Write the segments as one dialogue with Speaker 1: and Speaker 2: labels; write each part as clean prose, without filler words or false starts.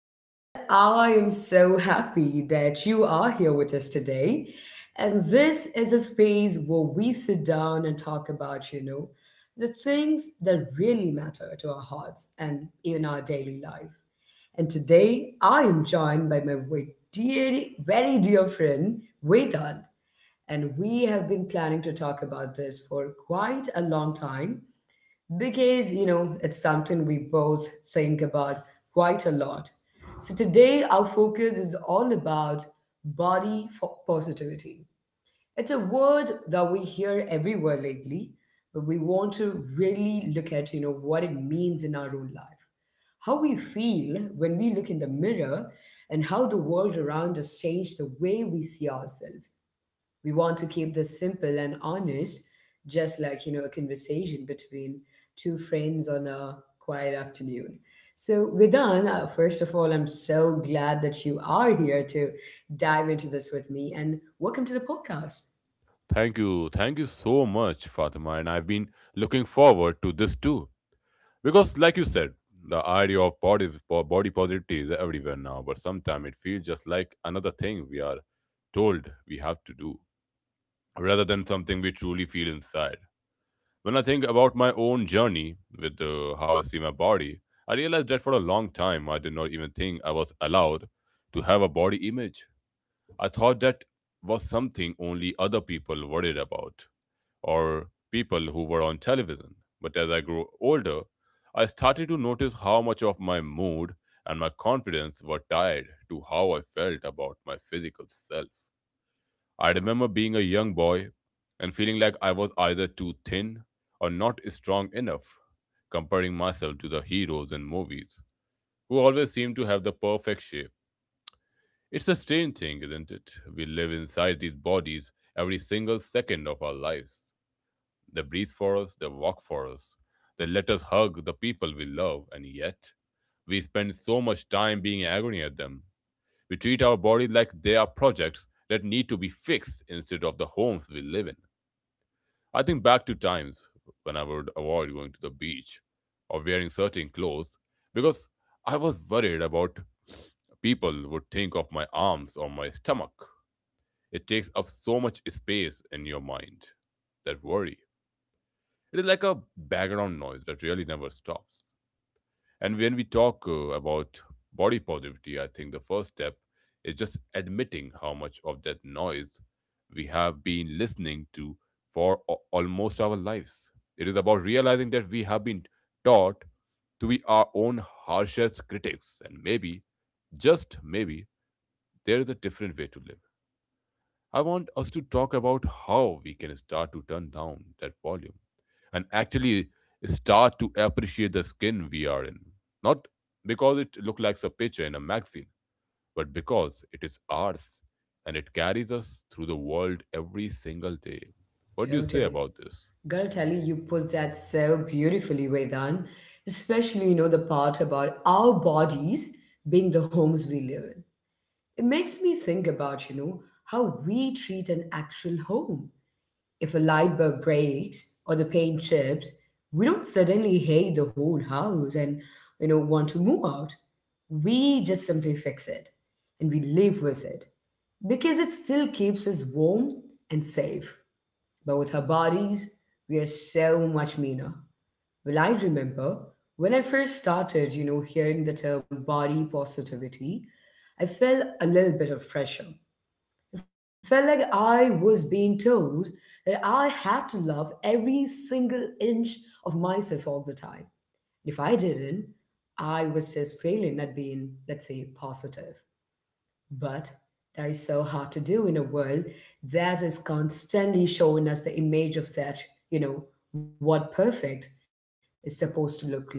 Speaker 1: I am so happy that you are here with us today. And this is a space where we sit down and talk about, the things that really matter to our hearts and even our daily life. And today I am joined by my very dear friend, Vedant. And we have been planning to talk about this for quite a long time because you know it's something we both think about quite a lot. So today our focus is all about positivity. It's a word that we hear everywhere lately, but we want to really look at, you know, what it means in our own life, how we feel when we look in the mirror, and how the world around us change the way we see ourselves. We want to keep this simple and honest, just like, you know, a conversation between two friends on a quiet afternoon. So, Vedan, first of all, I'm so glad that you are here to dive into this with me, and welcome to the podcast.
Speaker 2: Thank you. Thank you so much, Fatima. And I've been looking forward to this too. Because, like you said, the idea of body positivity is everywhere now, but sometimes it feels just like another thing we are told we have to do rather than something we truly feel inside. When I think about my own journey with how I see my body, I realized that for a long time I did not even think I was allowed to have a body image. I thought that was something only other people worried about, or people who were on television. But as I grew older, I started to notice how much of my mood and my confidence were tied to how I felt about my physical self. I remember being a young boy and feeling like I was either too thin or not strong enough, comparing myself to the heroes in movies who always seemed to have the perfect shape. It's a strange thing, isn't it? We live inside these bodies every single second of our lives. They breathe for us, they walk for us, they let us hug the people we love, and yet we spend so much time being in agony at them. We treat our bodies like they are projects that need to be fixed instead of the homes we live in. I think back to times when I would avoid going to the beach or wearing certain clothes because I was worried about people would think of my arms or my stomach. It takes up so much space in your mind. That worry. It is like a background noise that really never stops. And when we talk about body positivity, I think the first step is just admitting how much of that noise we have been listening to for almost our lives. It is about realizing that we have been taught to be our own harshest critics, and maybe, just maybe, there is a different way to live. I want us to talk about how we can start to turn down that volume and actually start to appreciate the skin we are in. Not because it looks like a picture in a magazine, but because it is ours and it carries us through the world every single day. What do you say
Speaker 1: Totally.
Speaker 2: about this?
Speaker 1: Gotta tell you, you put that so beautifully, Vedan, especially, you know, the part about our bodies being the homes we live in. It makes me think about, you know, how we treat an actual home. If a light bulb breaks or the paint chips, we don't suddenly hate the whole house and, you know, want to move out. We just simply fix it and we live with it because it still keeps us warm and safe. But with our bodies, we are so much meaner. Well, I remember when I first started, you know, hearing the term body positivity, I felt a little bit of pressure. It felt like I was being told that I had to love every single inch of myself all the time. If I didn't, I was just failing at being, let's say, positive. But that is so hard to do in a world that is constantly showing us the image of that, you know, what perfect is supposed to look like.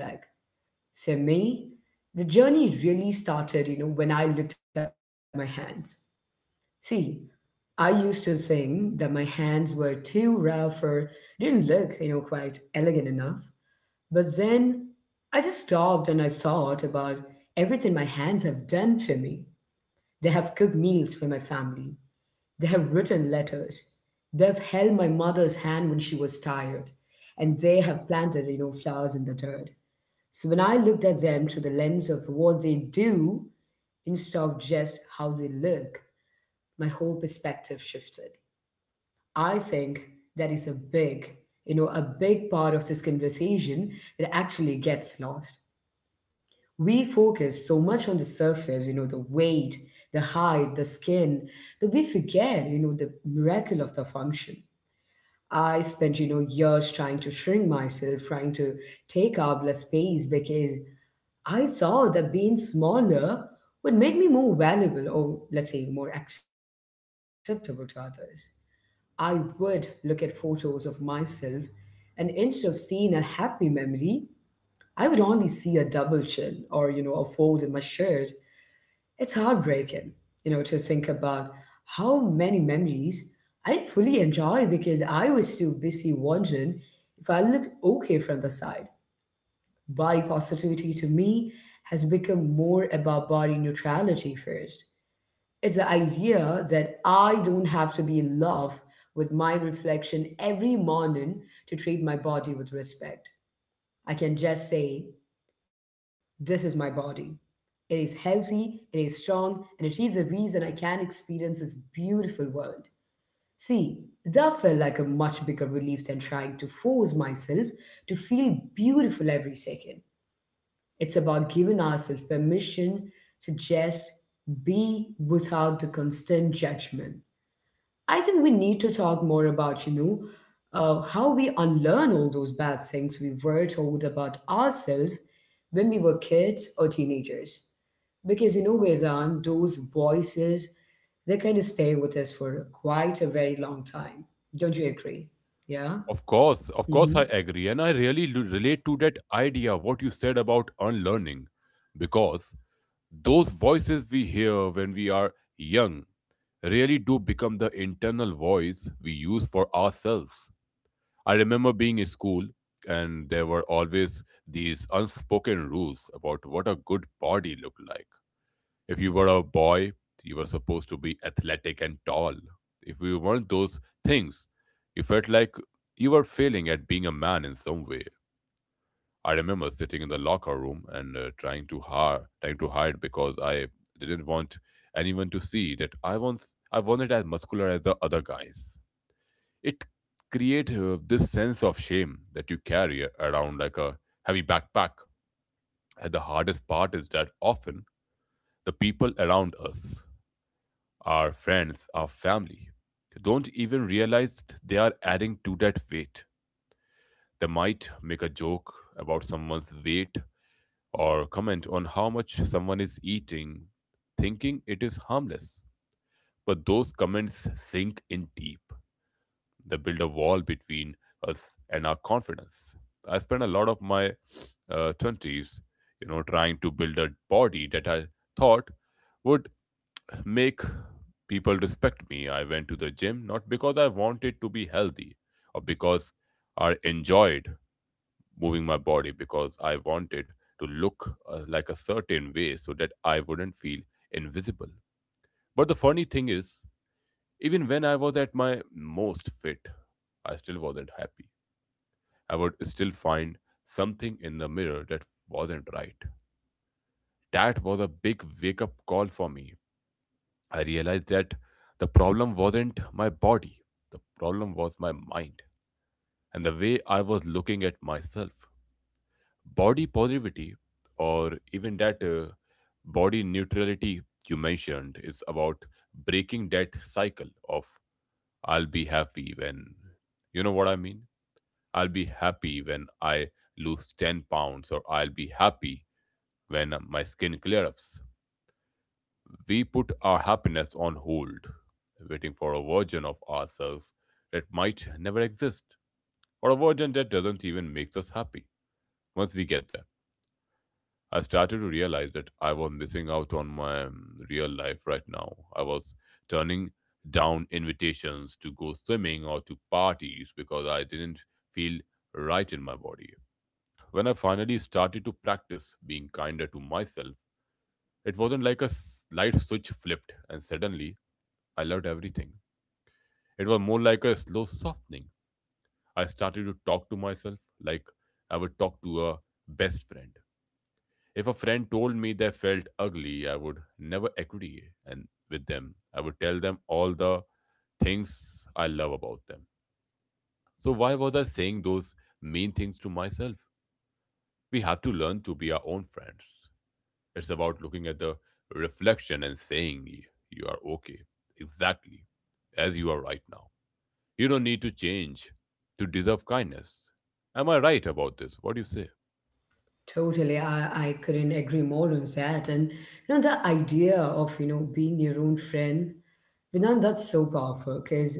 Speaker 1: For me, the journey really started, you know, when I looked at my hands. See, I used to think that my hands were too rough or didn't look, you know, quite elegant enough. But then I just stopped and I thought about everything my hands have done for me. They have cooked meals for my family. They have written letters. They've held my mother's hand when she was tired. And they have planted, you know, flowers in the dirt. So when I looked at them through the lens of what they do instead of just how they look, my whole perspective shifted. I think that is a big, you know, a big part of this conversation that actually gets lost. We focus so much on the surface, you know, the weight, the height, the skin, that we forget, you know, the miracle of the function. I spent, you know, years trying to shrink myself, trying to take up less space because I thought that being smaller would make me more valuable or, let's say, more acceptable to others. I would look at photos of myself, and instead of seeing a happy memory, I would only see a double chin or, you know, a fold in my shirt. It's heartbreaking, you know, to think about how many memories I didn't fully enjoy because I was too busy wondering if I looked okay from the side. Body positivity to me has become more about body neutrality first. It's the idea that I don't have to be in love with my reflection every morning to treat my body with respect. I can just say, this is my body. It is healthy, it is strong, and it is the reason I can experience this beautiful world. See, that felt like a much bigger relief than trying to force myself to feel beautiful every second. It's about giving ourselves permission to just be without the constant judgment. I think we need to talk more about, you know, how we unlearn all those bad things we were told about ourselves when we were kids or teenagers. Because, you know, Vedant, those voices, they kind of stay with us for quite a very long time. Don't you agree? Yeah?
Speaker 2: Of course, I
Speaker 1: Hmm.
Speaker 2: agree. And I really relate to that idea, what you said about unlearning, because those voices we hear when we are young really do become the internal voice we use for ourselves. I remember being in school, and there were always these unspoken rules about what a good body looked like. If you were a boy, you were supposed to be athletic and tall. If you weren't those things, you felt like you were failing at being a man in some way. I remember sitting in the locker room and trying to hide because I didn't want anyone to see that I once I wasn't as muscular as the other guys. It creates this sense of shame that you carry around like a heavy backpack. And the hardest part is that often the people around us, our friends, our family, don't even realize they are adding to that weight. They might make a joke about someone's weight or comment on how much someone is eating, thinking it is harmless. But those comments sink in deep. They build a wall between us and our confidence. I spent a lot of my 20s, you know, trying to build a body that I thought would make people respect me. I went to the gym not because I wanted to be healthy or because I enjoyed moving my body because I wanted to look like a certain way so that I wouldn't feel invisible. But the funny thing is, even when I was at my most fit, I still wasn't happy. I would still find something in the mirror that wasn't right. That was a big wake up call for me. I realized that the problem wasn't my body, the problem was my mind and the way I was looking at myself. Body positivity or even that body neutrality you mentioned is about breaking that cycle of I'll be happy when, you know what I mean, I'll be happy when I lose 10 pounds, or I'll be happy when my skin clears up. We put our happiness on hold waiting for a version of ourselves that might never exist, or a version that doesn't even make us happy once we get there. I started to realize that I was missing out on my real life right now. I was turning down invitations to go swimming or to parties because I didn't feel right in my body. When I finally started to practice being kinder to myself, it wasn't like a light switch flipped and suddenly I loved everything. It was more like a slow softening. I started to talk to myself like I would talk to a best friend. If a friend told me they felt ugly, I would never agree and with them. I would tell them all the things I love about them. So why was I saying those mean things to myself? We have to learn to be our own friends. It's about looking at the reflection and saying you are okay exactly as you are right now. You don't need to change to deserve kindness. Am I right about this? What do you say?
Speaker 1: Totally. I couldn't agree more on that. And, you know, the idea of, you know, being your own friend, Vedant, that's so powerful because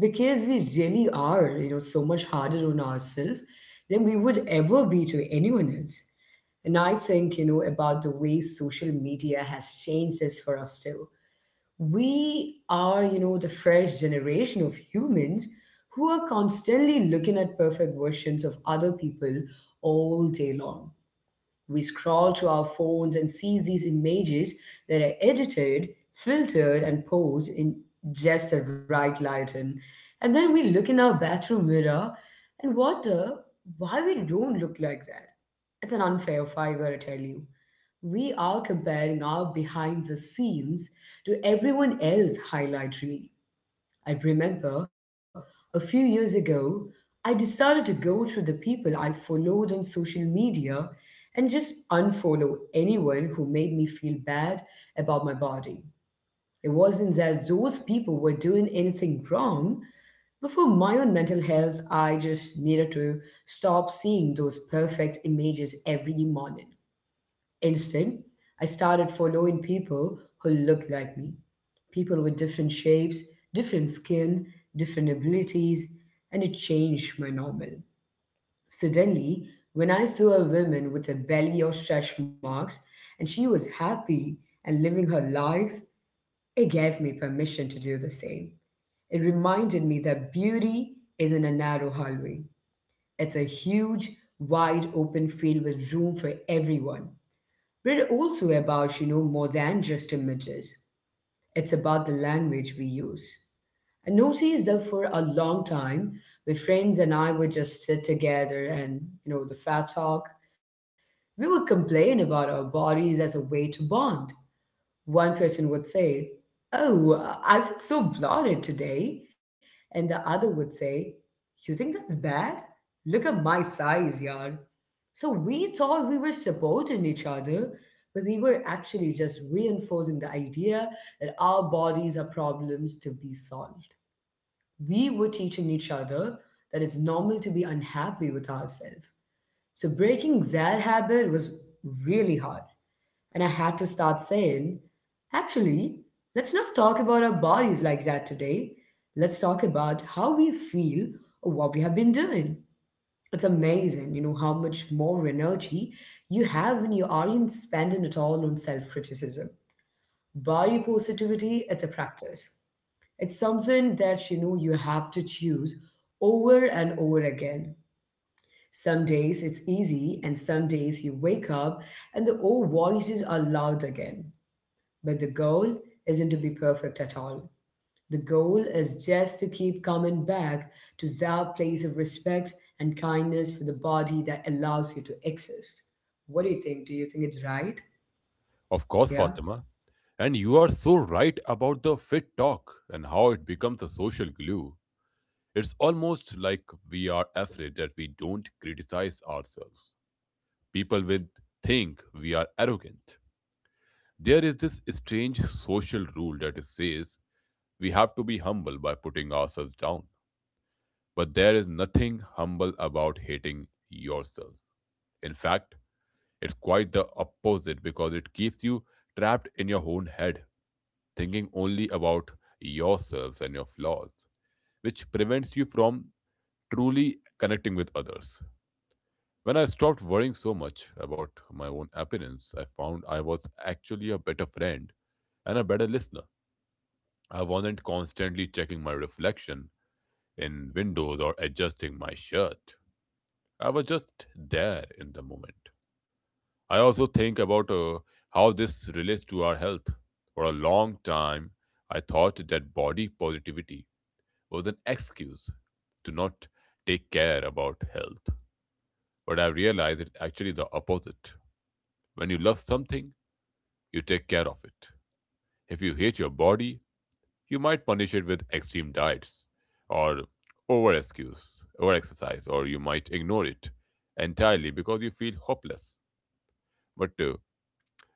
Speaker 1: we really are, you know, so much harder on ourselves than we would ever be to anyone else. And I think, you know, about the way social media has changed this for us too. We are, you know, the fresh generation of humans who are constantly looking at perfect versions of other people all day long. We scroll through our phones and see these images that are edited, filtered, and posed in just the right lighting. And then we look in our bathroom mirror and wonder why we don't look like that. It's an unfair fight, I tell you. We are comparing our behind the scenes to everyone else's highlight reel. I remember a few years ago, I decided to go through the people I followed on social media and just unfollow anyone who made me feel bad about my body. It wasn't that those people were doing anything wrong, but for my own mental health, I just needed to stop seeing those perfect images every morning. Instead, I started following people who looked like me, people with different shapes, different skin, different abilities, and it changed my normal. Suddenly, when I saw a woman with a belly or stretch marks and she was happy and living her life, it gave me permission to do the same. It reminded me that beauty isn't a narrow hallway, it's a huge, wide open field with room for everyone. But it also about, you know, more than just images. It's about the language we use. I noticed that for a long time, my friends and I would just sit together and, you know, the fat talk. We would complain about our bodies as a way to bond. One person would say, oh, I feel so bloated today. And the other would say, you think that's bad? Look at my thighs, yard." So we thought we were supporting each other, but we were actually just reinforcing the idea that our bodies are problems to be solved. We were teaching each other that it's normal to be unhappy with ourselves. So breaking that habit was really hard. And I had to start saying, actually, let's not talk about our bodies like that today. Let's talk about how we feel or what we have been doing. It's amazing, you know, how much more energy you have when you aren't spending it all on self criticism. Body positivity, it's a practice. It's something that, you know, you have to choose over and over again. Some days it's easy, and some days you wake up and the old voices are loud again. But the goal isn't to be perfect at all. The goal is just to keep coming back to that place of respect and kindness for the body that allows you to exist. What do you think? Do you think it's right?
Speaker 2: Of course,
Speaker 1: Yeah?
Speaker 2: Fatima. And you are so right about the fit talk and how it becomes a social glue. It's almost like we are afraid that we don't criticize ourselves. People will think we are arrogant. There is this strange social rule that says we have to be humble by putting ourselves down. But there is nothing humble about hating yourself. In fact, it's quite the opposite because it keeps you trapped in your own head thinking only about yourselves and your flaws, which prevents you from truly connecting with others. When I stopped worrying so much about my own appearance, I found I was actually a better friend and a better listener. I wasn't constantly checking my reflection in windows or adjusting my shirt. I was just there in the moment. I also think about how this relates to our health. For a long time, I thought that body positivity was an excuse to not take care about health. But I've realized it's actually the opposite. When you love something, you take care of it. If you hate your body, you might punish it with extreme diets or over excuse or exercise, or you might ignore it entirely because you feel hopeless. But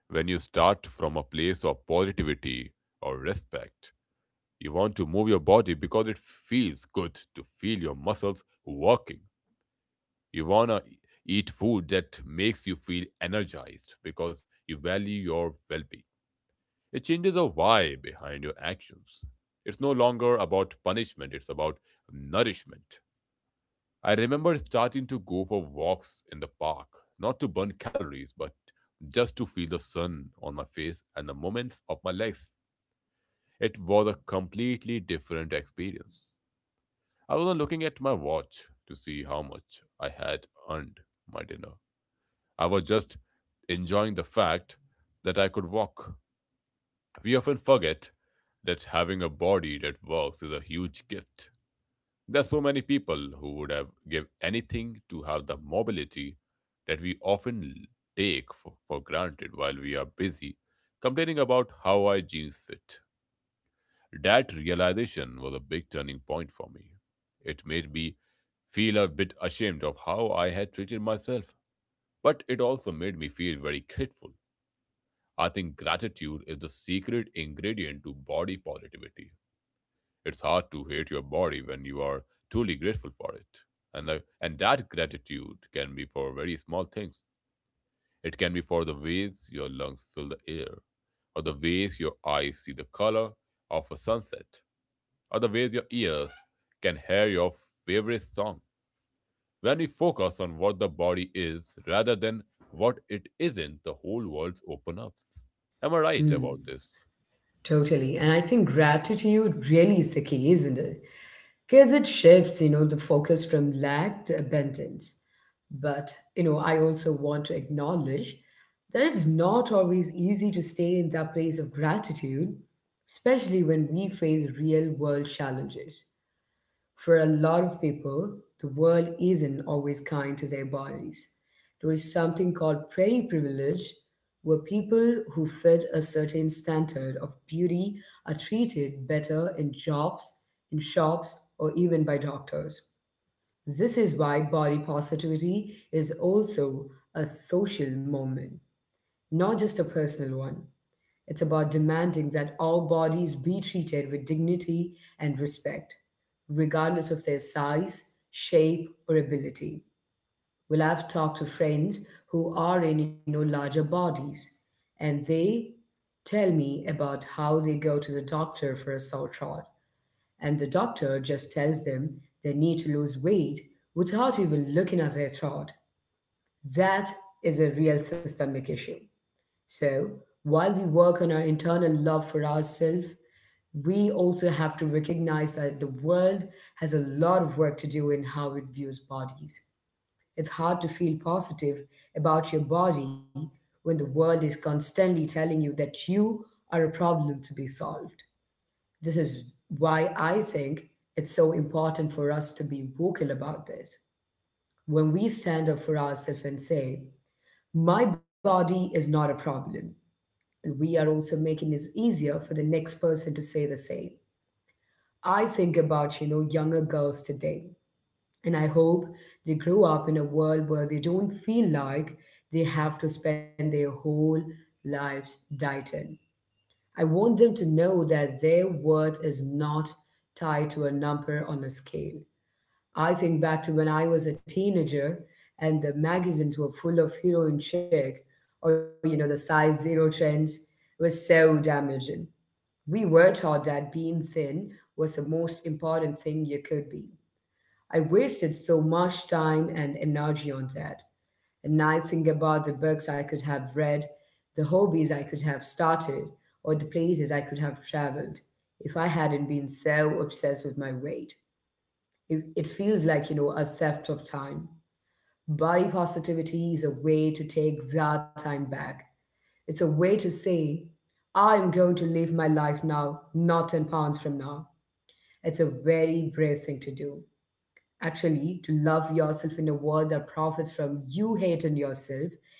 Speaker 2: when you start from a place of positivity or respect, you want to move your body because it feels good to feel your muscles working. You want to eat food that makes you feel energized because you value your well being. It changes the why behind your actions. It's no longer about punishment, it's about nourishment. I remember starting to go for walks in the park, not to burn calories, but just to feel the sun on my face and the moments of my legs. It was a completely different experience. I wasn't looking at my watch to see how much I had earned my dinner. I was just enjoying the fact that I could walk. We often forget that having a body that works is a huge gift. There are so many people who would have give anything to have the mobility that we often take for granted while we are busy complaining about how our jeans fit. That realization was a big turning point for me. It made me feel a bit ashamed of how I had treated myself, but it also made me feel very grateful. I think gratitude is the secret ingredient to body positivity. It's hard to hate your body when you are truly grateful for it. And that gratitude can be for very small things. It can be for the ways your lungs fill the air, or the ways your eyes see the color of a sunset, or the ways your ears can hear your favorite song. When we focus on what the body is rather than what it isn't, the whole world opens up. Am I right about
Speaker 1: Hmm.
Speaker 2: this?
Speaker 1: Totally. And I think gratitude really is the key, isn't it? Because it shifts, you know, the focus from lack to abundance. But, you know, I also want to acknowledge that it's not always easy to stay in that place of gratitude, especially when we face real world challenges. For a lot of people, the world isn't always kind to their bodies. There is something called pretty privilege, where people who fit a certain standard of beauty are treated better in jobs, in shops, or even by doctors. This is why body positivity is also a social movement, not just a personal one. It's about demanding that all bodies be treated with dignity and respect, regardless of their size, shape, or ability. Well, I've talked to friends who are in, you know, larger bodies, and they tell me about how they go to the doctor for a sore throat, and the doctor just tells them they need to lose weight without even looking at their throat. That is a real systemic issue. So, while we work on our internal love for ourselves, we also have to recognize that the world has a lot of work to do in how it views bodies. It's hard to feel positive about your body when the world is constantly telling you that you are a problem to be solved. This is why I think it's so important for us to be vocal about this. When we stand up for ourselves and say, My body is not a problem, and we are also making it easier for the next person to say the same. I think about, you know, younger girls today, and I hope they grow up in a world where they don't feel like they have to spend their whole lives dieting. I want them to know that their worth is not tied to a number on a scale. I think back to when I was a teenager and the magazines were full of heroin chick or, you know, the size zero trends were so damaging. We were taught that being thin was the most important thing you could be. I wasted so much time and energy on that. And I think about the books I could have read, the hobbies I could have started, or the places I could have traveled if I hadn't been so obsessed with my weight. It feels like, you know, a theft of time. Body positivity is a way to take that time back. It's a way to say, I am going to live my life now, not 10 pounds from now. It's a very brave thing to do. Actually, to love yourself in a world that profits from you hating yourself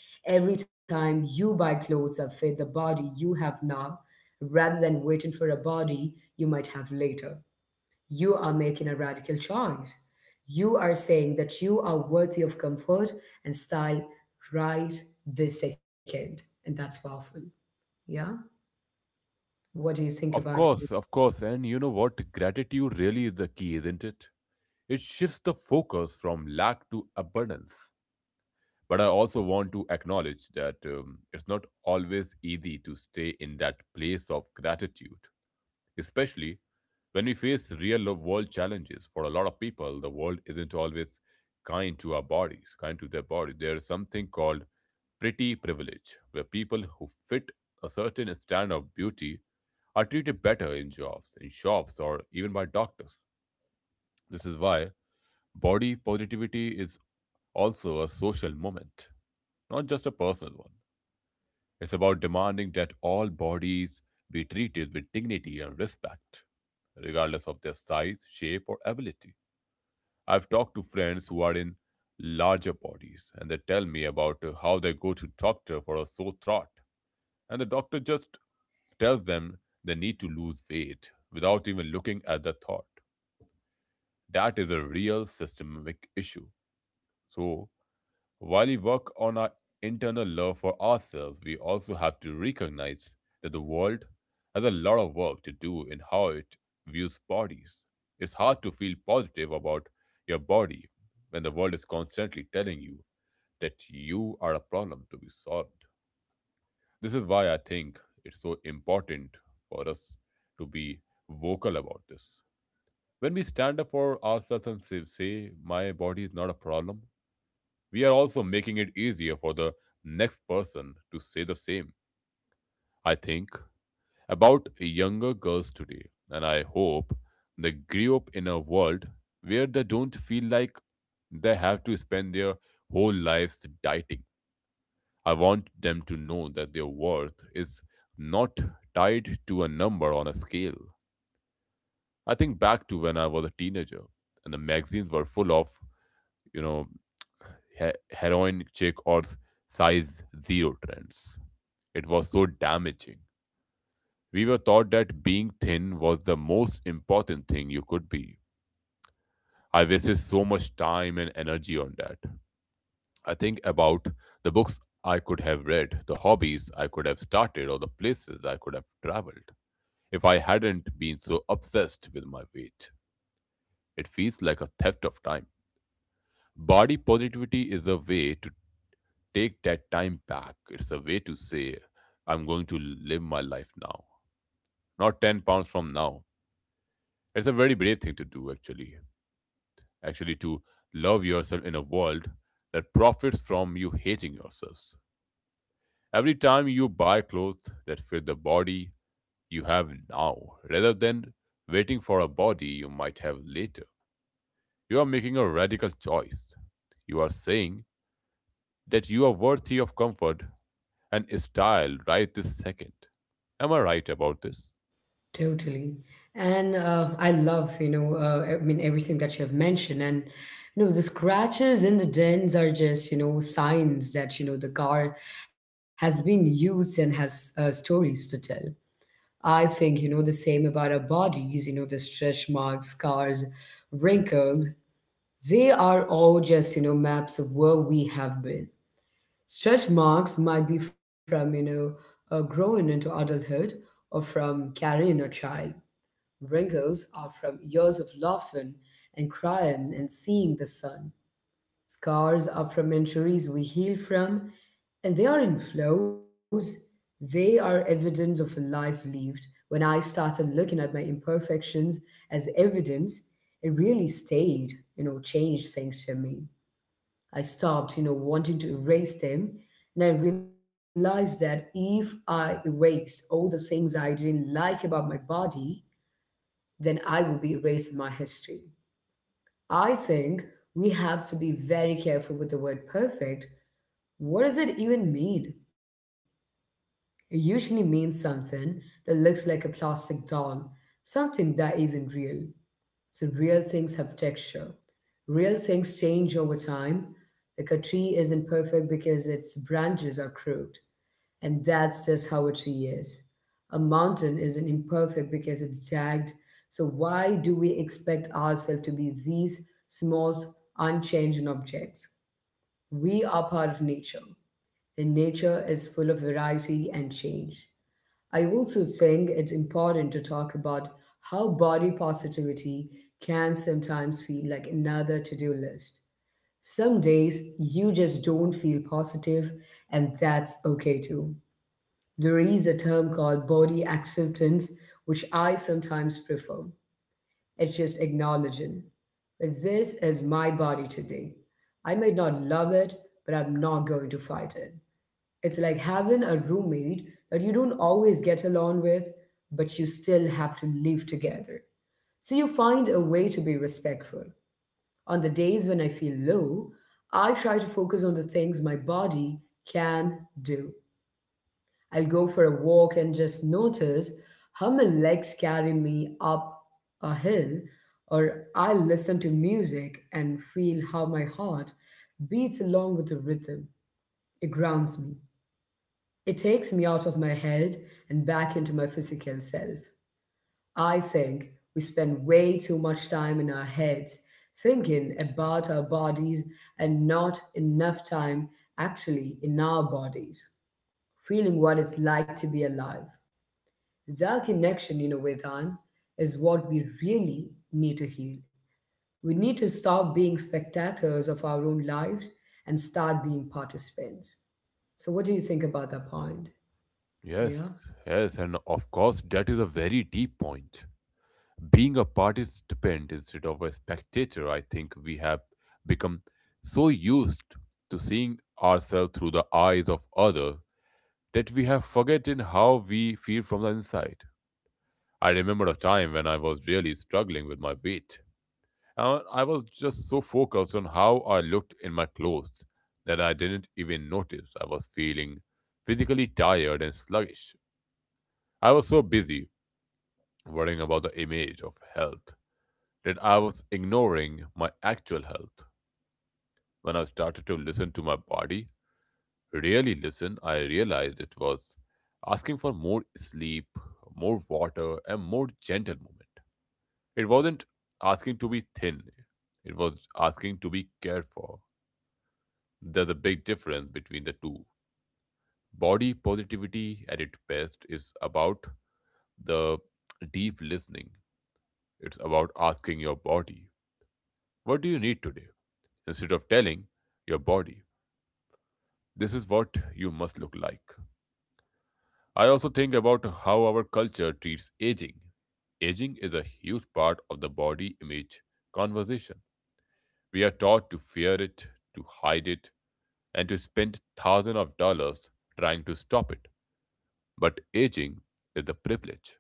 Speaker 1: every time you buy clothes that fit the body you have now, rather than waiting for a body you might have later. You are making a radical choice. You are saying that you are worthy of comfort and style right this second. And that's powerful. Yeah, what do you think
Speaker 2: Of
Speaker 1: about it?
Speaker 2: course, of course. And you know what? Gratitude really is the key, isn't it? It shifts the focus from lack to abundance. But I also want to acknowledge that it's not always easy to stay in that place of gratitude, especially when we face real world challenges. For a lot of people, the world isn't always kind to their body. There is something called pretty privilege, where people who fit a certain standard of beauty are treated better in jobs, in shops, or even by doctors. This is why body positivity is also a social movement, not just a personal one. It's about demanding that all bodies be treated with dignity and respect, regardless of their size, shape, or ability. I've talked to friends who are in larger bodies, and they tell me about how they go to doctor for a sore throat, and the doctor just tells them they need to lose weight without even looking at the thought. That is a real systemic issue. So, while we work on our internal love for ourselves, we also have to recognize that the world has a lot of work to do in how it views bodies. It's hard to feel positive about your body when the world is constantly telling you that you are a problem to be solved. This is why I think it's so important for us to be vocal about this. When we stand up for ourselves and say, "My body is not a problem," we are also making it easier for the next person to say the same. I think about younger girls today, and I hope they grew up in a world where they don't feel like they have to spend their whole lives dieting. I want them to know that their worth is not tied to a number on a scale. I think back to when I was a teenager, and the magazines were full of, you know, heroin chick or size 0 trends. It was so damaging. We were taught that being thin was the most important thing you could be. I wasted so much time and energy on that. I think about the books I could have read, the hobbies I could have started, or the places I could have traveled if I hadn't been so obsessed with my weight. It feels like a theft of time. Body positivity is a way to take that time back. It's a way to say, "I'm going to live my life now, not 10 pounds from now." It's a very brave thing to do, Actually, to love yourself in a world that profits from you hating yourselves. Every time you buy clothes that fit the body you have now, rather than waiting for a body you might have later, you are making a radical choice. You are saying that you are worthy of comfort and style right this second. Am I right about this?
Speaker 1: Totally. And I love, you know, I mean everything that you have mentioned. And you know, the scratches in the dents are just, you know, signs that, you know, the car has been used and has, stories to tell. I think, you know, the same about our bodies. You know, the stretch marks, scars, wrinkles, they are all just, you know, maps of where we have been. Stretch marks might be from, you know, growing into adulthood or from carrying a child. Wrinkles are from years of laughing and crying and seeing the sun. Scars are from injuries we heal from, and they are in flows. They are evidence of a life lived. When I started looking at my imperfections as evidence, it really changed things for me. I stopped, you know, wanting to erase them. And I realized that if I erased all the things I didn't like about my body, then I would be erasing my history. I think we have to be very careful with the word perfect. What does it even mean? It usually means something that looks like a plastic doll, something that isn't real. So real things have texture. Real things change over time. Like a tree isn't perfect because its branches are crooked, and that's just how a tree is. A mountain isn't imperfect because it's jagged. So why do we expect ourselves to be these small, unchanging objects? We are part of nature, and nature is full of variety and change. I also think it's important to talk about how body positivity can sometimes feel like another to do list. Some days you just don't feel positive, and that's okay too. There is a term called body acceptance, which I sometimes prefer. It's just acknowledging that this is my body today. I may not love it, but I'm not going to fight it. It's like having a roommate that you don't always get along with, but you still have to live together. So you find a way to be respectful. On the days when I feel low, I try to focus on the things my body can do. I'll go for a walk and just notice how my legs carry me up a hill, or I'll listen to music and feel how my heart beats along with the rhythm. It grounds me. It takes me out of my head and back into my physical self. I think we spend way too much time in our heads thinking about our bodies and not enough time actually in our bodies, feeling what it's like to be alive. That connection, you know, Vedant, is what we really need to heal. We need to stop being spectators of our own lives and start being participants. So, what do you think about that point?
Speaker 2: Yes,
Speaker 1: Yeah.
Speaker 2: yes, and of course, that is a very deep point. Being a participant instead of a spectator, I think we have become so used to seeing ourselves through the eyes of others that we have forgotten how we feel from the inside. I remember a time when I was really struggling with my weight. I was just so focused on how I looked in my clothes that I didn't even notice I was feeling physically tired and sluggish. I was so busy worrying about the image of health that I was ignoring my actual health. When I started to listen to my body, really listen, I realized it was asking for more sleep, more water, and more gentle movement. It wasn't asking to be thin, it was asking to be cared for. There's a big difference between the two. Body positivity at its best is about the deep listening. It's about asking your body, "What do you need today?" instead of telling your body, "This is what you must look like." I also think about how our culture treats aging. Aging is a huge part of the body image conversation. We are taught to fear it, to hide it, and to spend thousands of dollars trying to stop it. But aging is a privilege.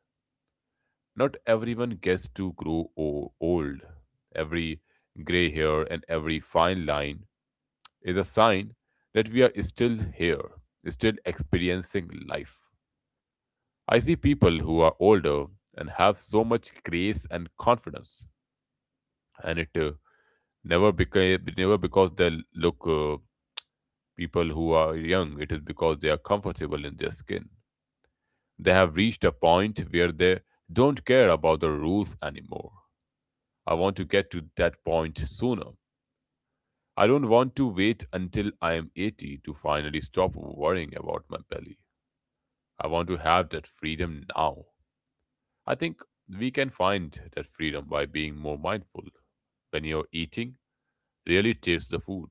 Speaker 2: Not everyone gets to grow old. Every gray hair and every fine line is a sign that we are still here, still experiencing life. I see people who are older and have so much grace and confidence, and it never became never because they look people who are young. It is because they are comfortable in their skin. They have reached a point where they don't care about the rules anymore. I want to get to that point sooner. I don't want to wait until I am 80 to finally stop worrying about my belly. I want to have that freedom now. I think we can find that freedom by being more mindful. When you're eating, really taste the food.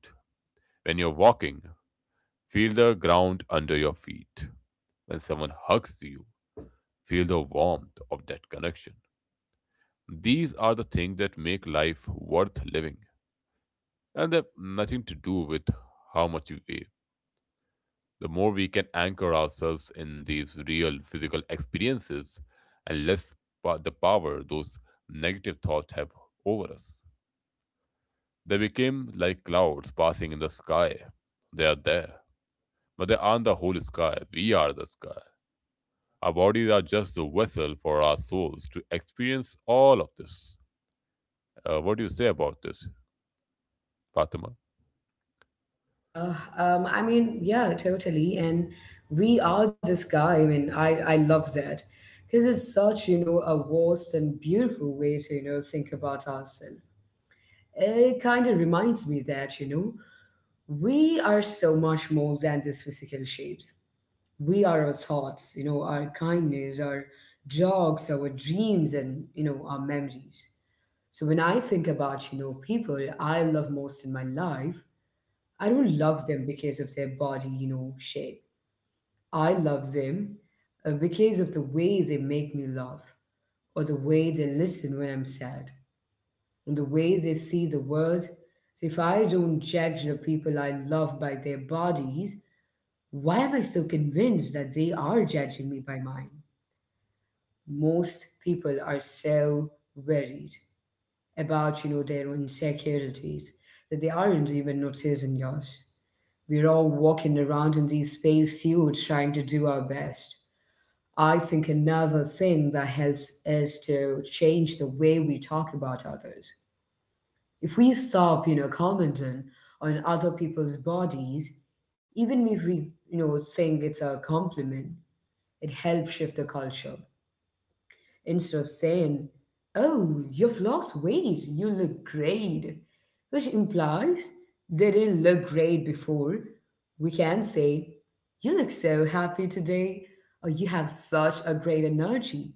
Speaker 2: When you're walking, feel the ground under your feet. When someone hugs you, feel the warmth of that connection. These are the things that make life worth living, and they've nothing to do with how much you weigh. The more we can anchor ourselves in these real physical experiences, and less the power those negative thoughts have over us. They became like clouds passing in the sky. They are there, but they aren't the whole sky. We are the sky. Our bodies are just the vessel for our souls to experience all of this. What do you say about this, Fatima?
Speaker 1: I mean, yeah, totally. And we are this guy. I mean, I love that because it's such, you know, a vast and beautiful way to, you know, think about ourselves. It kind of reminds me that, you know, we are so much more than these physical shapes. We are our thoughts, you know, our kindness, our jogs, our dreams, and, you know, our memories. So when I think about, you know, people I love most in my life, I don't love them because of their body, you know, shape. I love them because of the way they make me laugh, or the way they listen when I'm sad, and the way they see the world. So if I don't judge the people I love by their bodies, why am I so convinced that they are judging me by mine? Most people are so worried about, you know, their own insecurities that they aren't even noticing yours. We're all walking around in these space suits trying to do our best. I think another thing that helps is to change the way we talk about others. If we stop, you know, commenting on other people's bodies, even if we, you know, think it's a compliment, it helps shift the culture instead of saying, Oh, you've lost weight, you look great, which implies they didn't look great before. We can say, You look so happy today, or you have such a great energy.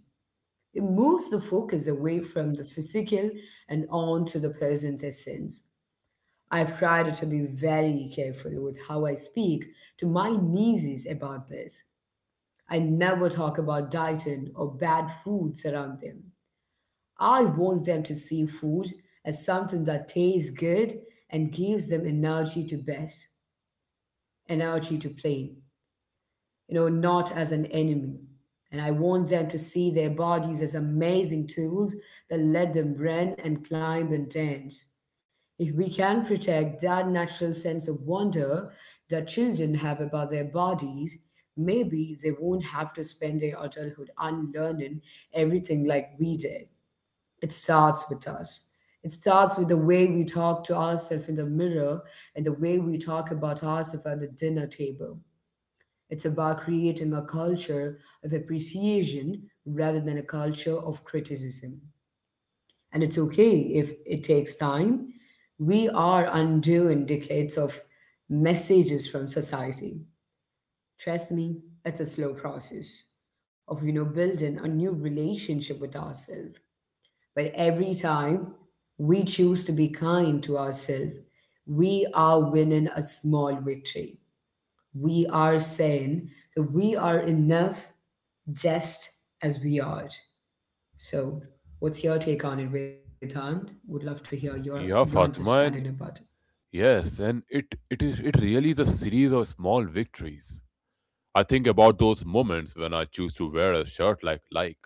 Speaker 1: It moves the focus away from the physical and on to the person's essence. I've tried to be very careful with how I speak to my nieces about this. I never talk about dieting or bad foods around them. I want them to see food as something that tastes good and gives them energy to best, energy to play, you know, not as an enemy. And I want them to see their bodies as amazing tools that let them run and climb and dance. If we can protect that natural sense of wonder that children have about their bodies, maybe they won't have to spend their adulthood unlearning everything like we did. It starts with us. It starts with the way we talk to ourselves in the mirror and the way we talk about ourselves at the dinner table. It's about creating a culture of appreciation rather than a culture of criticism. And it's okay if it takes time. We are undoing decades of messages from society. Trust me, it's a slow process of, you know, building a new relationship with ourselves, but every time we choose to be kind to ourselves, we are winning a small victory. We are saying that we are enough just as we are. So, what's your take on it, Vedant? Would love to hear your
Speaker 2: Yeah,
Speaker 1: understanding
Speaker 2: Fatima,
Speaker 1: about
Speaker 2: and yes, and it really is a series of small victories. I think about those moments when I choose to wear a shirt like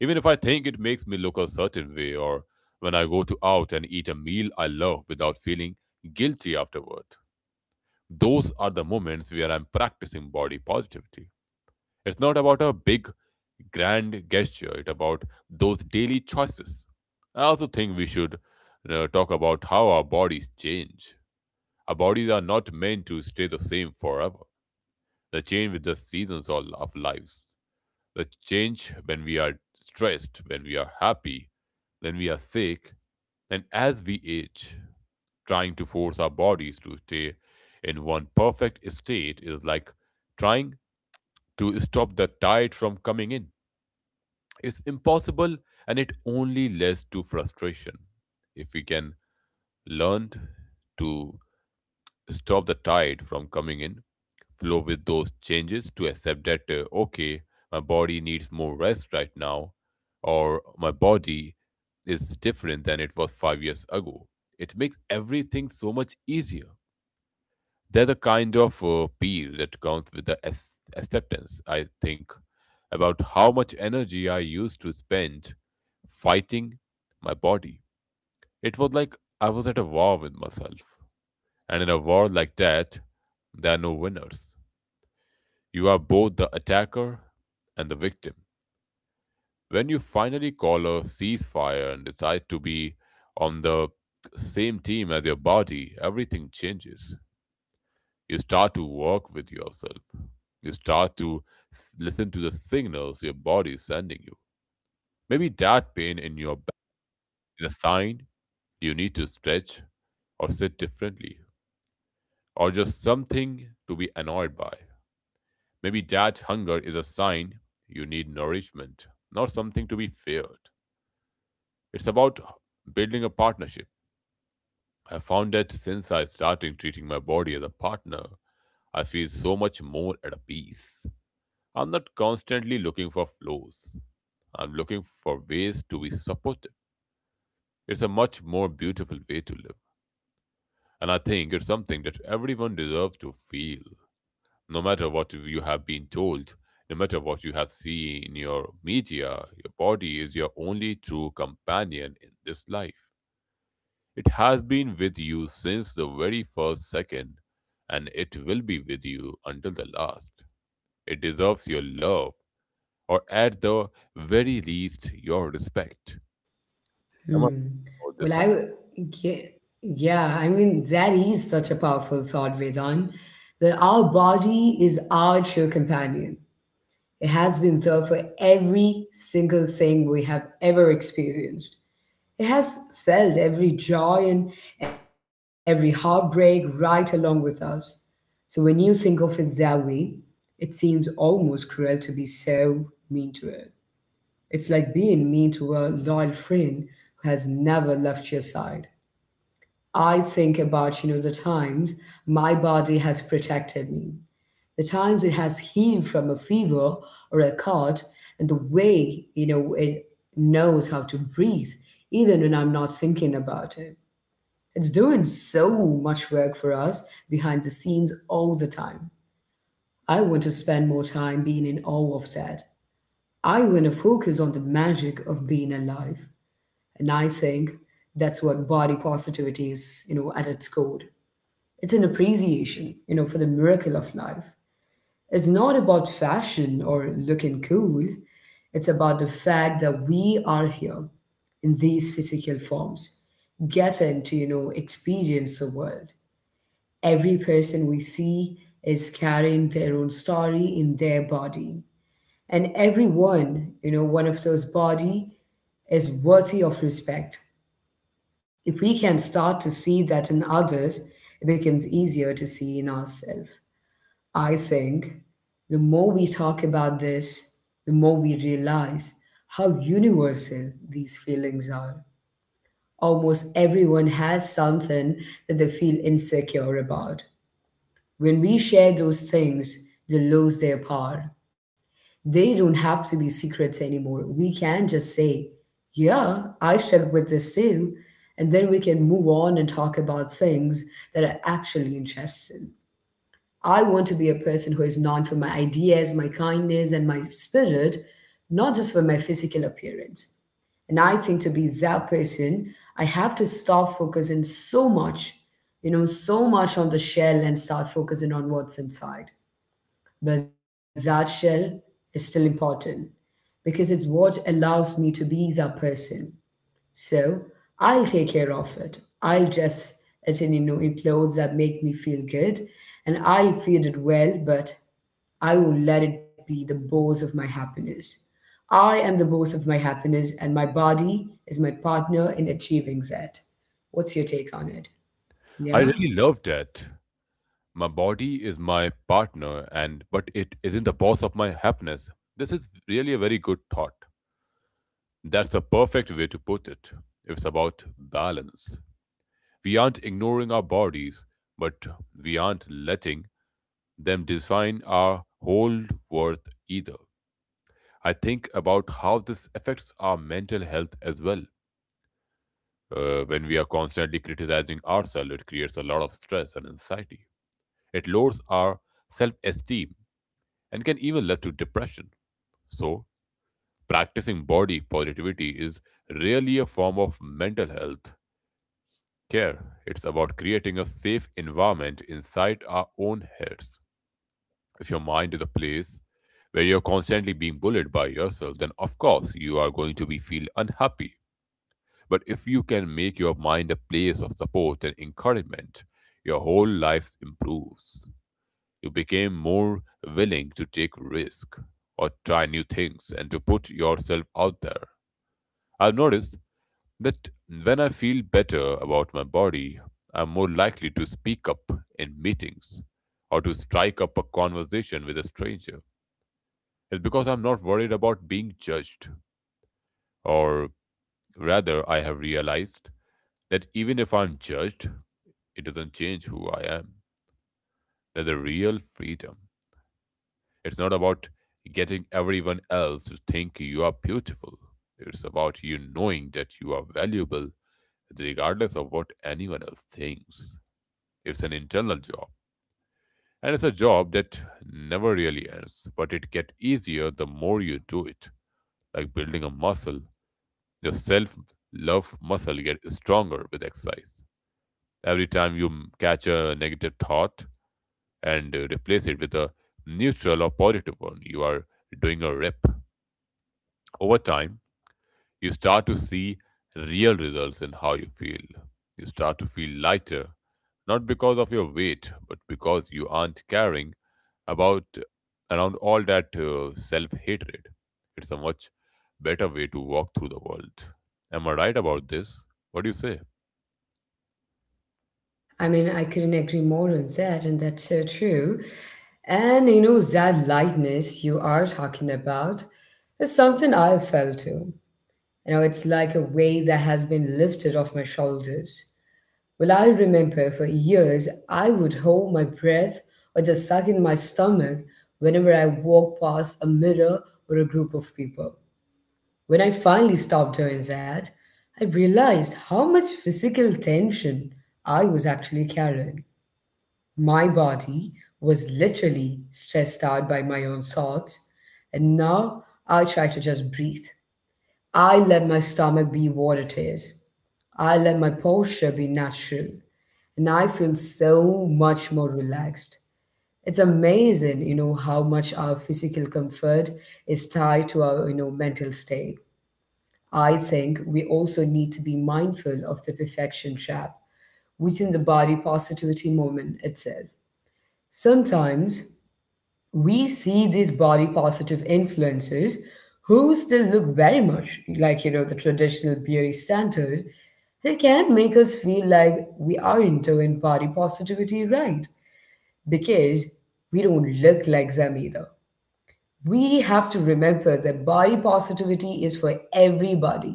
Speaker 2: even if I think it makes me look a certain way, or when I go to out and eat a meal I love without feeling guilty afterward. Those are the moments where I'm practicing body positivity. It's not about a big, grand gesture, it's about those daily choices. I also think we should talk about how our bodies change. Our bodies are not meant to stay the same forever. They change with the seasons of lives the change when we are stressed, when we are happy, when we are sick, and as we age, trying to force our bodies to stay in one perfect state is like trying to stop the tide from coming in. It's impossible and it only leads to frustration. If we can learn to stop the tide from coming in, flow with those changes to accept that, okay, my body needs more rest right now, or my body is different than it was 5 years ago. It makes everything so much easier. There's a kind of appeal that comes with the acceptance, I think, about how much energy I used to spend fighting my body. It was like I was at a war with myself. And in a war like that, there are no winners. You are both the attacker and the victim. When you finally call a ceasefire and decide to be on the same team as your body, everything changes. You start to work with yourself. You start to listen to the signals your body is sending you. Maybe that pain in your back is a sign you need to stretch or sit differently, or just something to be annoyed by. Maybe that hunger is a sign you need nourishment, not something to be feared. It's about building a partnership. I found that since I started treating my body as a partner, I feel so much more at a peace. I'm not constantly looking for flaws. I'm looking for ways to be supportive. It's a much more beautiful way to live. And I think it's something that everyone deserves to feel, no matter what you have been told, no matter what you have seen in your media, your body is your only true companion in this life. It has been with you since the very first second, and it will be with you until the last. It deserves your love, or at the very least, your respect.
Speaker 1: it.
Speaker 2: Am I
Speaker 1: Hmm.
Speaker 2: about this
Speaker 1: Well,
Speaker 2: far?
Speaker 1: yeah, yeah. I mean, that is such a powerful thought, Vedant. That our body is our true companion. It has been there for every single thing we have ever experienced. It has felt every joy and every heartbreak right along with us. So when you think of it that way, it seems almost cruel to be so mean to it. It's like being mean to a loyal friend who has never left your side. I think about, you know, the times my body has protected me, the times it has healed from a fever or a cut, and the way, you know, it knows how to breathe, even when I'm not thinking about it. It's doing so much work for us behind the scenes all the time. I want to spend more time being in awe of that. I want to focus on the magic of being alive. And I think that's what body positivity is, you know, at its core. It's an appreciation, you know, for the miracle of life. It's not about fashion or looking cool. It's about the fact that we are here in these physical forms, getting to, you know, experience the world. Every person we see is carrying their own story in their body. And everyone, you know, one of those body is worthy of respect. If we can start to see that in others, it becomes easier to see in ourselves. I think the more we talk about this, the more we realize how universal these feelings are. Almost everyone has something that they feel insecure about. When we share those things, they lose their power. They don't have to be secrets anymore. We can just say, Yeah, I struggle with this too. And then we can move on and talk about things that are actually interesting. I want to be a person who is known for my ideas, my kindness, and my spirit, not just for my physical appearance. And I think to be that person, I have to stop focusing so much, so much on the shell and start focusing on what's inside. But that shell is still important because it's what allows me to be that person. So I'll take care of it. I'll dress it in, in clothes that make me feel good, and I'll feed it well, but I will let it be the boss of my happiness. I am the boss of my happiness, and my body is my partner in achieving that. What's your take on it?
Speaker 2: I
Speaker 1: Yeah?
Speaker 2: really love that. My body is my partner, and but it isn't the boss of my happiness. This is really a very good thought. That's the perfect way to put it. It's about balance. We aren't ignoring our bodies, but we aren't letting them define our whole worth either. I think about how this affects our mental health as well. When we are constantly criticizing ourselves, it creates a lot of stress and anxiety. It lowers our self esteem and can even lead to depression. So, practicing body positivity is really a form of mental health care. It's about creating a safe environment inside our own heads. If your mind is a place where you're constantly being bullied by yourself, then of course you are going to be feel unhappy. But if you can make your mind a place of support and encouragement, your whole life improves. You become more willing to take risk or try new things and to put yourself out there. I've noticed that when I feel better about my body, I'm more likely to speak up in meetings or to strike up a conversation with a stranger. It's because I'm not worried about being judged, or rather, I have realized that even if I'm judged, it doesn't change who I am. That's a real freedom. It's not about getting everyone else to think you are beautiful. It's about you knowing that you are valuable regardless of what anyone else thinks. It's an internal job. And it's a job that never really ends, but it gets easier the more you do it. Like building a muscle, your self love muscle gets stronger with exercise. Every time you catch a negative thought and replace it with a neutral or positive one, you are doing a rep. Over time, you start to see real results in how you feel. You start to feel lighter, not because of your weight, but because you aren't carrying about around all that self-hatred. It's a much better way to walk through the world. Am I right about this? What do you say?
Speaker 1: I mean, I couldn't agree more on that, and that's so true. And you know, that lightness you are talking about is something I felt too. You know, it's like a weight that has been lifted off my shoulders. Well, I remember for years I would hold my breath or just suck in my stomach whenever I walked past a mirror or a group of people. When I finally stopped doing that, I realized how much physical tension I was actually carrying. My body was literally stressed out by my own thoughts, and now I try to just breathe. I let my stomach be what it is. I let my posture be natural. And I feel so much more relaxed. It's amazing, you know, how much our physical comfort is tied to our mental state. I think we also need to be mindful of the perfection trap within the body positivity moment itself. Sometimes we see these body positive influences who still look very much like, you know, the traditional beauty standard. It can make us feel like we are into in body positivity, right, because we don't look like them either. We have to remember that body positivity is for everybody.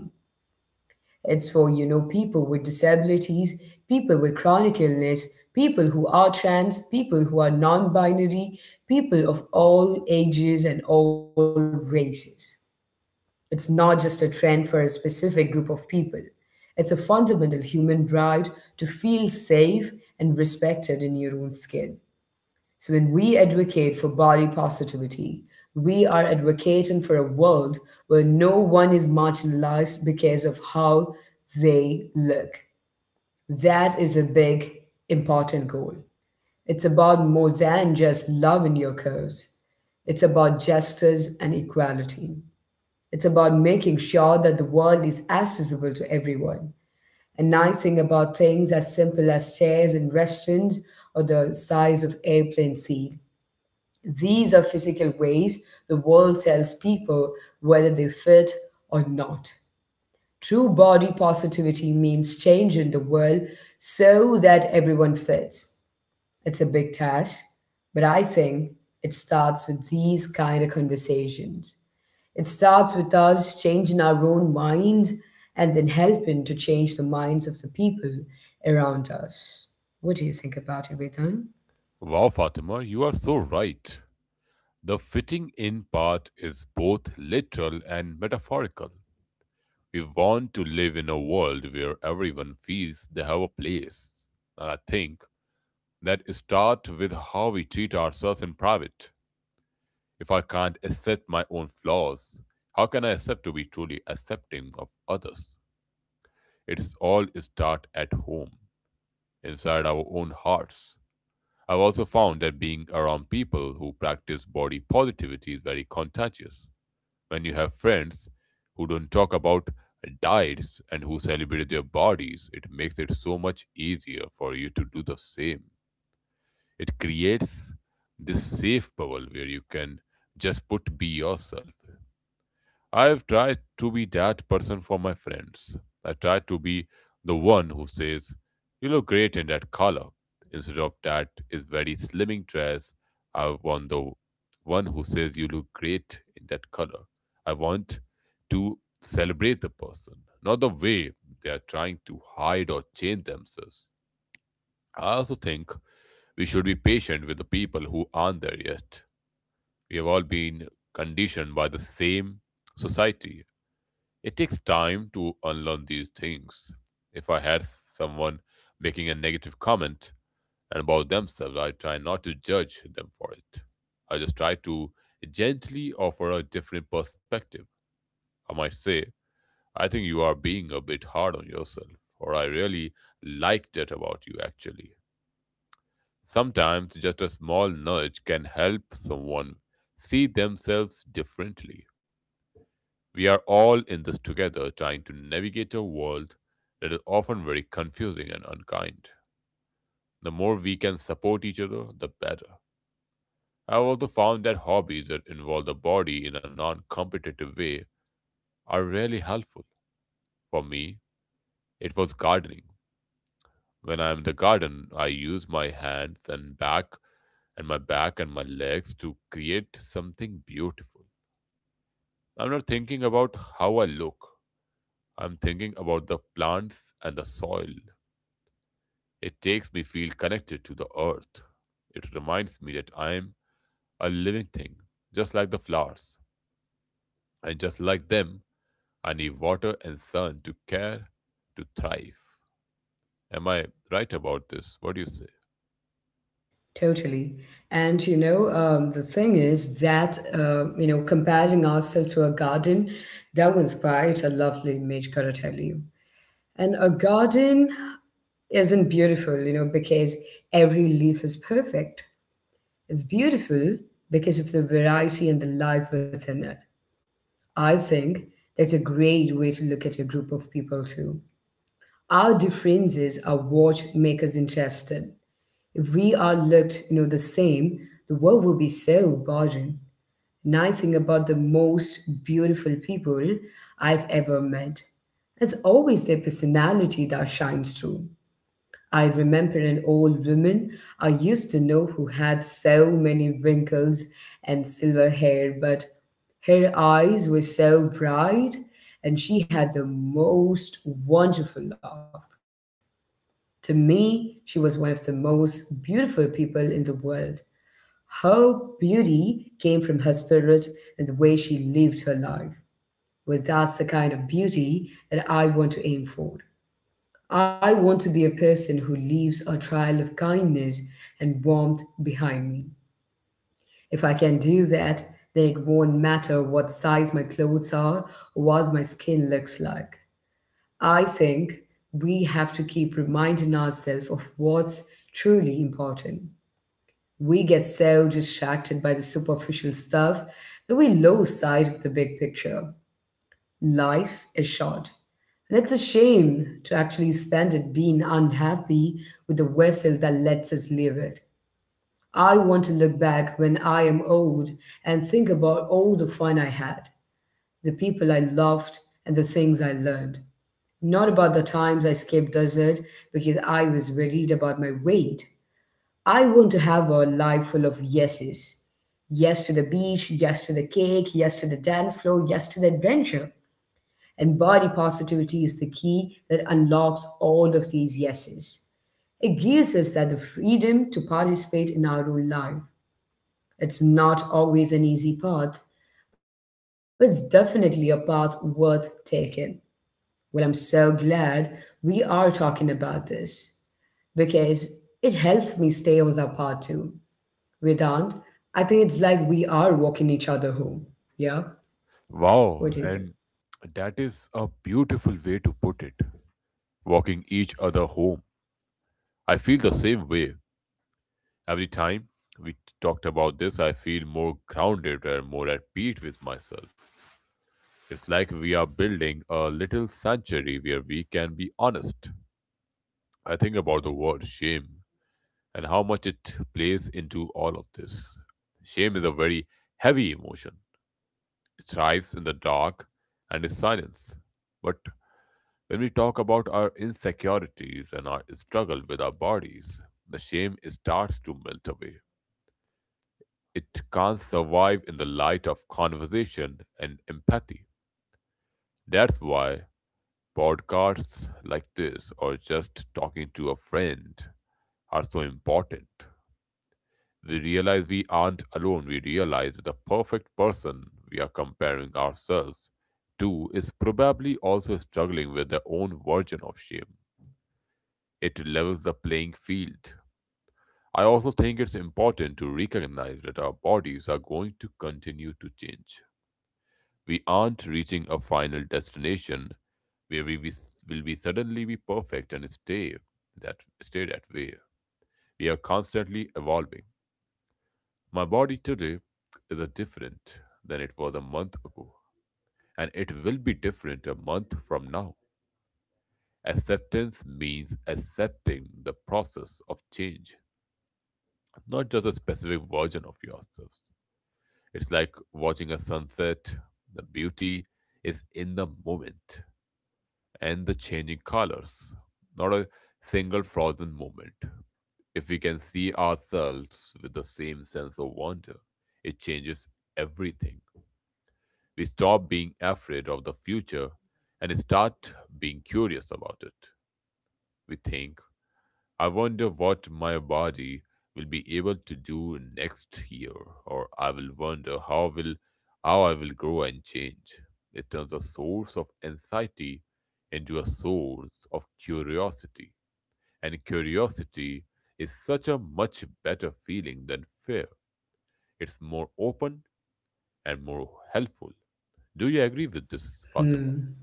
Speaker 1: It's for, you know, people with disabilities, people with chronic illness, people who are trans, people who are non binary, people of all ages and all races. It's not just a trend for a specific group of people, it's a fundamental human right to feel safe and respected in your own skin. So when we advocate for body positivity, we are advocating for a world where no one is marginalized because of how they look. That is a big, important goal. It's about more than just loving your curves. It's about justice and equality. It's about making sure that the world is accessible to everyone. And I think about things as simple as chairs in restaurants or the size of airplane seat. These are physical ways the world tells people whether they fit or not. True body positivity means changing the world so that everyone fits. It's a big task, but I think it starts with these kind of conversations. It starts with us changing our own minds and then helping to change the minds of the people around us. What do you think about it, Vedan?
Speaker 2: Wow, Fatima, you are so right. The fitting in part is both literal and metaphorical. We want to live in a world where everyone feels they have a place. And I think that starts with how we treat ourselves in private. If I can't accept my own flaws, how can I accept to be truly accepting of others? It's all start at home, inside our own hearts. I've also found that being around people who practice body positivity is very contagious. When you have friends who don't talk about diets and who celebrate their bodies, it makes it so much easier for you to do the same. It creates this safe bubble where you can just put be yourself. I've tried to be that person for my friends. I try to be the one who says, "You look great in that color." Instead of that is very slimming dress, I want the one who says, "You look great in that color." I want to celebrate the person, not the way they are trying to hide or change themselves. I also think we should be patient with the people who aren't there yet. We have all been conditioned by the same society. It takes time to unlearn these things. If I had someone making a negative comment about themselves, I try not to judge them for it. I just try to gently offer a different perspective. I might say, "I think you are being a bit hard on yourself," or "I really like that about you actually." Sometimes just a small nudge can help someone see themselves differently. We are all in this together, trying to navigate a world that is often very confusing and unkind. The more we can support each other, the better. I've also found that hobbies that involve the body in a non competitive way are really helpful. For me, it was gardening. When I'm in the garden, I use my hands and back and my legs to create something beautiful. I'm not thinking about how I look. I'm thinking about the plants and the soil. It takes me feel connected to the earth. It reminds me that I am a living thing, just like the flowers. And just like them, I need water and sun to care, to thrive. Am I right about this? What do you say?
Speaker 1: Totally. And the thing is that, comparing ourselves to a garden, that was quite a lovely image, gotta tell you. And a garden isn't beautiful, you know, because every leaf is perfect. It's beautiful because of the variety and the life within it. I think that's a great way to look at a group of people, too. Our differences are what make us interested. If we all looked, you know, the same, the world would be so boring. And I think about the most beautiful people I've ever met. It's always their personality that shines through. I remember an old woman I used to know who had so many wrinkles and silver hair, but her eyes were so bright and she had the most wonderful laugh. To me, she was one of the most beautiful people in the world. Her beauty came from her spirit and the way she lived her life. Well, that's the kind of beauty that I want to aim for. I want to be a person who leaves a trail of kindness and warmth behind me. If I can do that, then it won't matter what size my clothes are or what my skin looks like. I think we have to keep reminding ourselves of what's truly important. We get so distracted by the superficial stuff that we lose sight of the big picture. Life is short. And it's a shame to actually spend it being unhappy with the vessel that lets us live it. I want to look back when I am old and think about all the fun I had, the people I loved, and the things I learned. Not about the times I skipped dessert because I was worried about my weight. I want to have a life full of yeses. Yes to the beach, yes to the cake, yes to the dance floor, yes to the adventure. And body positivity is the key that unlocks all of these yeses. It gives us that the freedom to participate in our own life. It's not always an easy path, but it's definitely a path worth taking. Well, I'm so glad we are talking about this because it helps me stay on that path too. Vedant, I think it's like we are walking each other home. Yeah?
Speaker 2: Wow,
Speaker 1: What do you
Speaker 2: and
Speaker 1: think?
Speaker 2: that is a beautiful way to put it. Walking each other home. I feel the same way. Every time we talked about this, I feel more grounded and more at peace with myself. It's like we are building a little sanctuary where we can be honest. I think about the word shame and how much it plays into all of this. Shame is a very heavy emotion. It thrives in the dark and in silence. But when we talk about our insecurities and our struggle with our bodies, the shame starts to melt away. It can't survive in the light of conversation and empathy. That's why podcasts like this or just talking to a friend are so important. We realize we aren't alone. We realize that the perfect person we are comparing ourselves to is probably also struggling with their own version of shame. It levels the playing field. I also think it's important to recognize that our bodies are going to continue to change. We aren't reaching a final destination where will be suddenly be perfect and that stay that way. We are constantly evolving. My body today is a different than it was a month ago, and it will be different a month from now. Acceptance means accepting the process of change, not just a specific version of yourself. It's like watching a sunset. The beauty is in the moment and the changing colors. Not a single frozen moment. If we can see ourselves with the same sense of wonder, it changes everything. We stop being afraid of the future and start being curious about it. We think I wonder what my body will be able to do next year, or I will wonder how will how I will grow and change. It turns a source of anxiety into a source of curiosity, and curiosity is such a much better feeling than fear. It's more open and more helpful. Do you agree with this, Fatima?
Speaker 1: Hmm.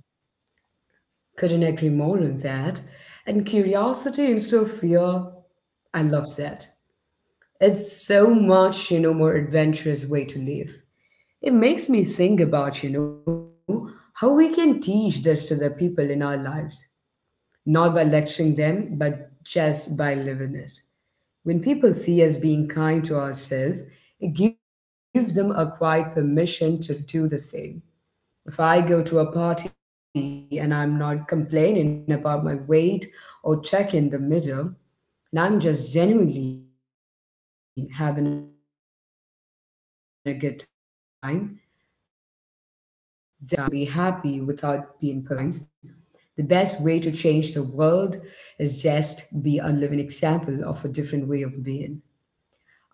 Speaker 1: Couldn't agree more on that. And curiosity instead of fear, I love that. It's so much, you know, more adventurous way to live. It makes me think about, you know, how we can teach this to the people in our lives. Not by lecturing them, but just by living it. When people see us being kind to ourselves, it gives them a quiet permission to do the same. If I go to a party and I'm not complaining about my weight or checking the mirror, and I'm just genuinely having a good time, that's a powerful message. It shows that it's possible to be happy without being perfect. Sometimes, the best way to change the world is just be a living example of a different way of being.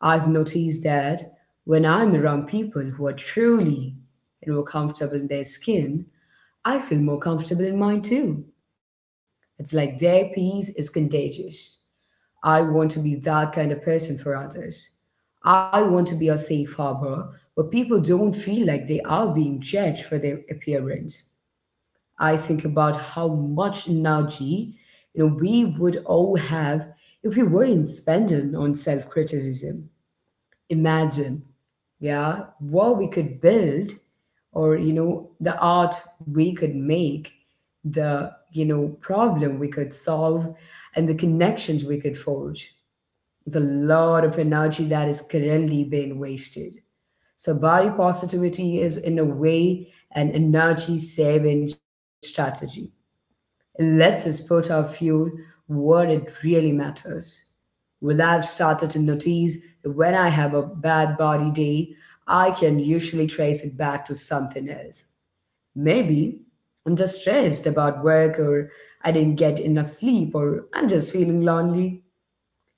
Speaker 1: I've noticed that when I'm around people who are truly and who are comfortable in their skin, I feel more comfortable in mine too. It's like their peace is contagious. I want to be that kind of person for others. I want to be a safe harbor where people don't feel like they are being judged for their appearance. I think about how much energy, you know, we would all have if we weren't spending on self-criticism. Imagine, yeah, what we could build, or, you know, the art we could make, the problem we could solve, and the connections we could forge. It's a lot of energy that is currently being wasted. So, body positivity is, in a way, an energy saving strategy. It lets us put our fuel where it really matters. Well, I've started to notice that when I have a bad body day, I can usually trace it back to something else. Maybe I'm just stressed about work, or I didn't get enough sleep, or I'm just feeling lonely.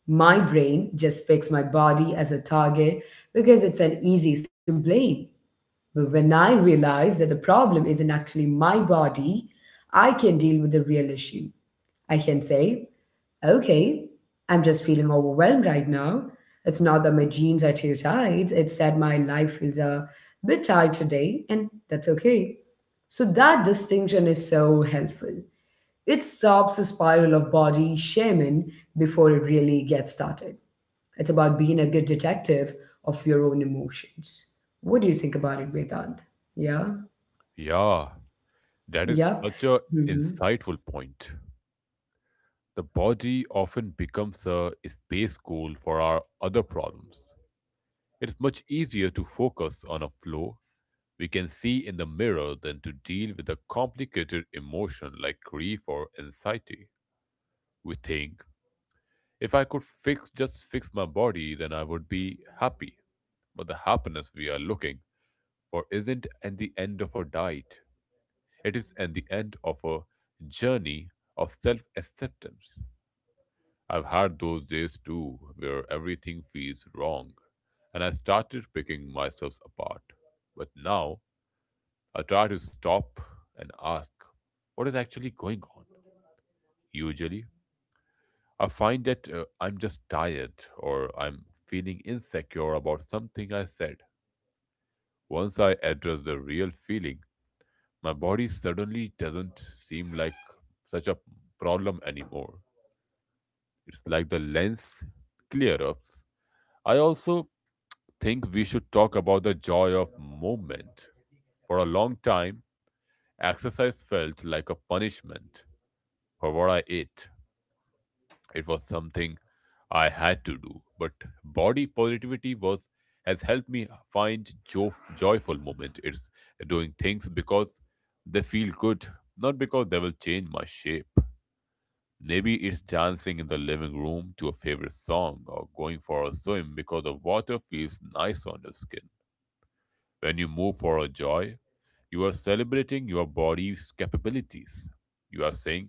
Speaker 1: My brain just picks my body as a target because it's an easy thing to blame. But when I realize that the problem isn't actually my body, I can deal with the real issue. I can say, okay, I'm just feeling overwhelmed right now. It's not that my jeans are too tight, it's that my life feels a bit tight today, and that's okay. So, that distinction is so helpful. It stops the spiral of body shaming before it really gets started. It's about being a good detective of your own emotions. What do you think about it, Vedant? Yeah?
Speaker 2: Yeah, that is
Speaker 1: Yep.
Speaker 2: such a insightful point. The body often becomes a space goal for our other problems. It's much easier to focus on a flaw we can see in the mirror than to deal with a complicated emotion like grief or anxiety. We think, if I could fix just fix my body, then I would be happy. But the happiness we are looking for isn't at the end of a diet. It is at the end of a journey of self acceptance. I've had those days too where everything feels wrong and I started picking myself apart. But now I try to stop and ask, what is actually going on? Usually, I find that I'm just tired or I'm feeling insecure about something I said. Once I address the real feeling, my body suddenly doesn't seem like such a problem anymore. It's like the lens clear ups. I also think we should talk about the joy of movement. For a long time, exercise felt like a punishment for what I ate. It was something I had to do, but body positivity was has helped me find joyful moment. It's doing things because they feel good, not because they will change my shape. Maybe it's dancing in the living room to a favorite song or going for a swim because the water feels nice on the skin. When you move for a joy, you are celebrating your body's capabilities. You are saying,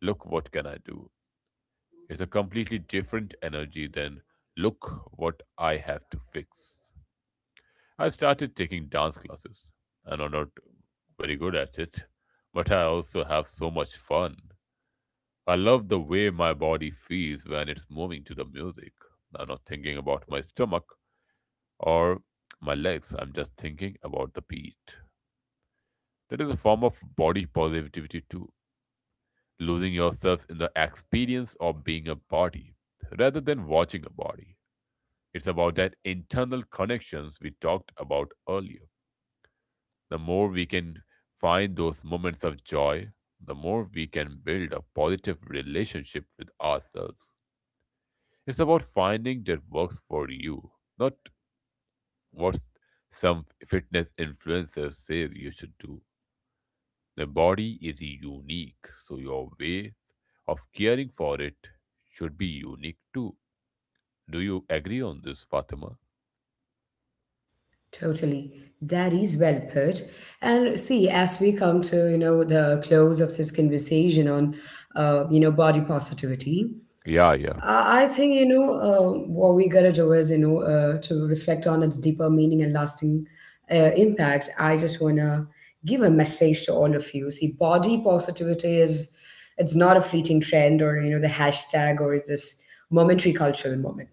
Speaker 2: "Look, what can I do?" It's a completely different energy than, "Look, what I have to fix." I've started taking dance classes, and I'm not very good at it, but I also have so much fun. I love the way my body feels when it's moving to the music. I'm not thinking about my stomach or my legs, I'm just thinking about the beat. That is a form of body positivity too, losing yourself in the experience of being a body rather than watching a body. It's about that internal connections we talked about earlier. The more we can find those moments of joy, the more we can build a positive relationship with ourselves. It's about finding that works for you, not what some fitness influencer says you should do. The body is unique, so your way of caring for it should be unique too. Do you agree on this, Fatima?
Speaker 1: Totally. That is well put. And see, as we come to, you know, the close of this conversation on, body positivity,
Speaker 2: Yeah, yeah,
Speaker 1: I think, what we gotta do is, to reflect on its deeper meaning and lasting impact. I just wanna give a message to all of you. See, body positivity is, it's not a fleeting trend or, you know, the hashtag or this momentary cultural moment.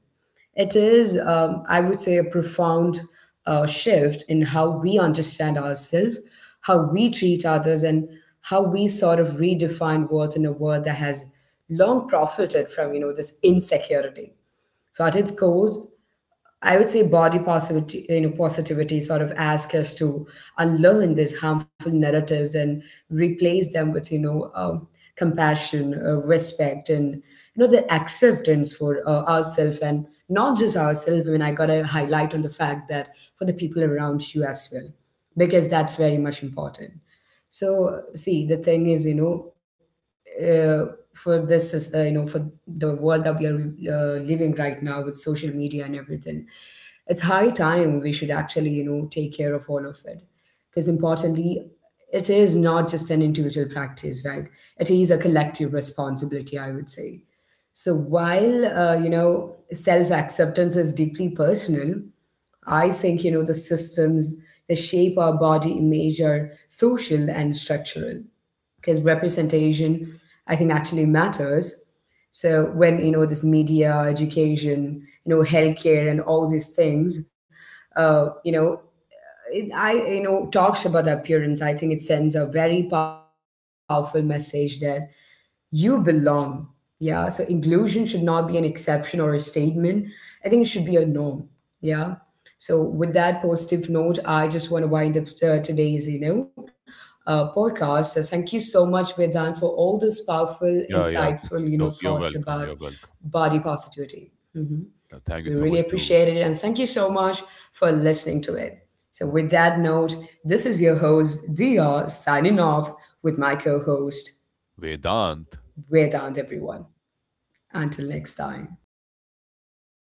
Speaker 1: It is, I would say, a profound shift in how we understand ourselves, how we treat others, and how we sort of redefine worth in a world that has long profited from, you know, this insecurity. So at its core, I would say body positivity sort of ask us to unlearn these harmful narratives and replace them with, compassion, respect, and, you know, the acceptance for ourselves, and not just ourselves. I mean, I gotta highlight on the fact that for the people around you as well, because that's very much important. So, see, the thing is, uh, for this is you know, for the world that we are living right now with social media and everything, it's high time we should actually, you know, take care of all of it, because importantly, it is not just an individual practice, right, it is a collective responsibility, I would say. So while, you know, self acceptance is deeply personal, I think, you know, the systems that shape our body image are social and structural, because representation, I think, actually matters. So when, you know, this media education, you know, healthcare and all these things, you know, I, you know, talks about appearance, I think it sends a very powerful message that you belong. Yeah. So inclusion should not be an exception or a statement. I think it should be a norm. Yeah. So with that positive note, I just want to wind up today's, podcast. So thank you so much, Vedan, for all those powerful,
Speaker 2: yeah, yeah.
Speaker 1: insightful, you
Speaker 2: No,
Speaker 1: know,
Speaker 2: you're
Speaker 1: thoughts
Speaker 2: welcome. You're
Speaker 1: about
Speaker 2: welcome.
Speaker 1: body positivity. Hmm.
Speaker 2: Thank you
Speaker 1: We
Speaker 2: so
Speaker 1: really
Speaker 2: much to
Speaker 1: appreciate it. And thank you so much for listening to it. So
Speaker 2: uh,
Speaker 1: with that note, this is your host, Dia, signing off with my co-host.
Speaker 2: Vedant
Speaker 1: We're down everyone. Until next time.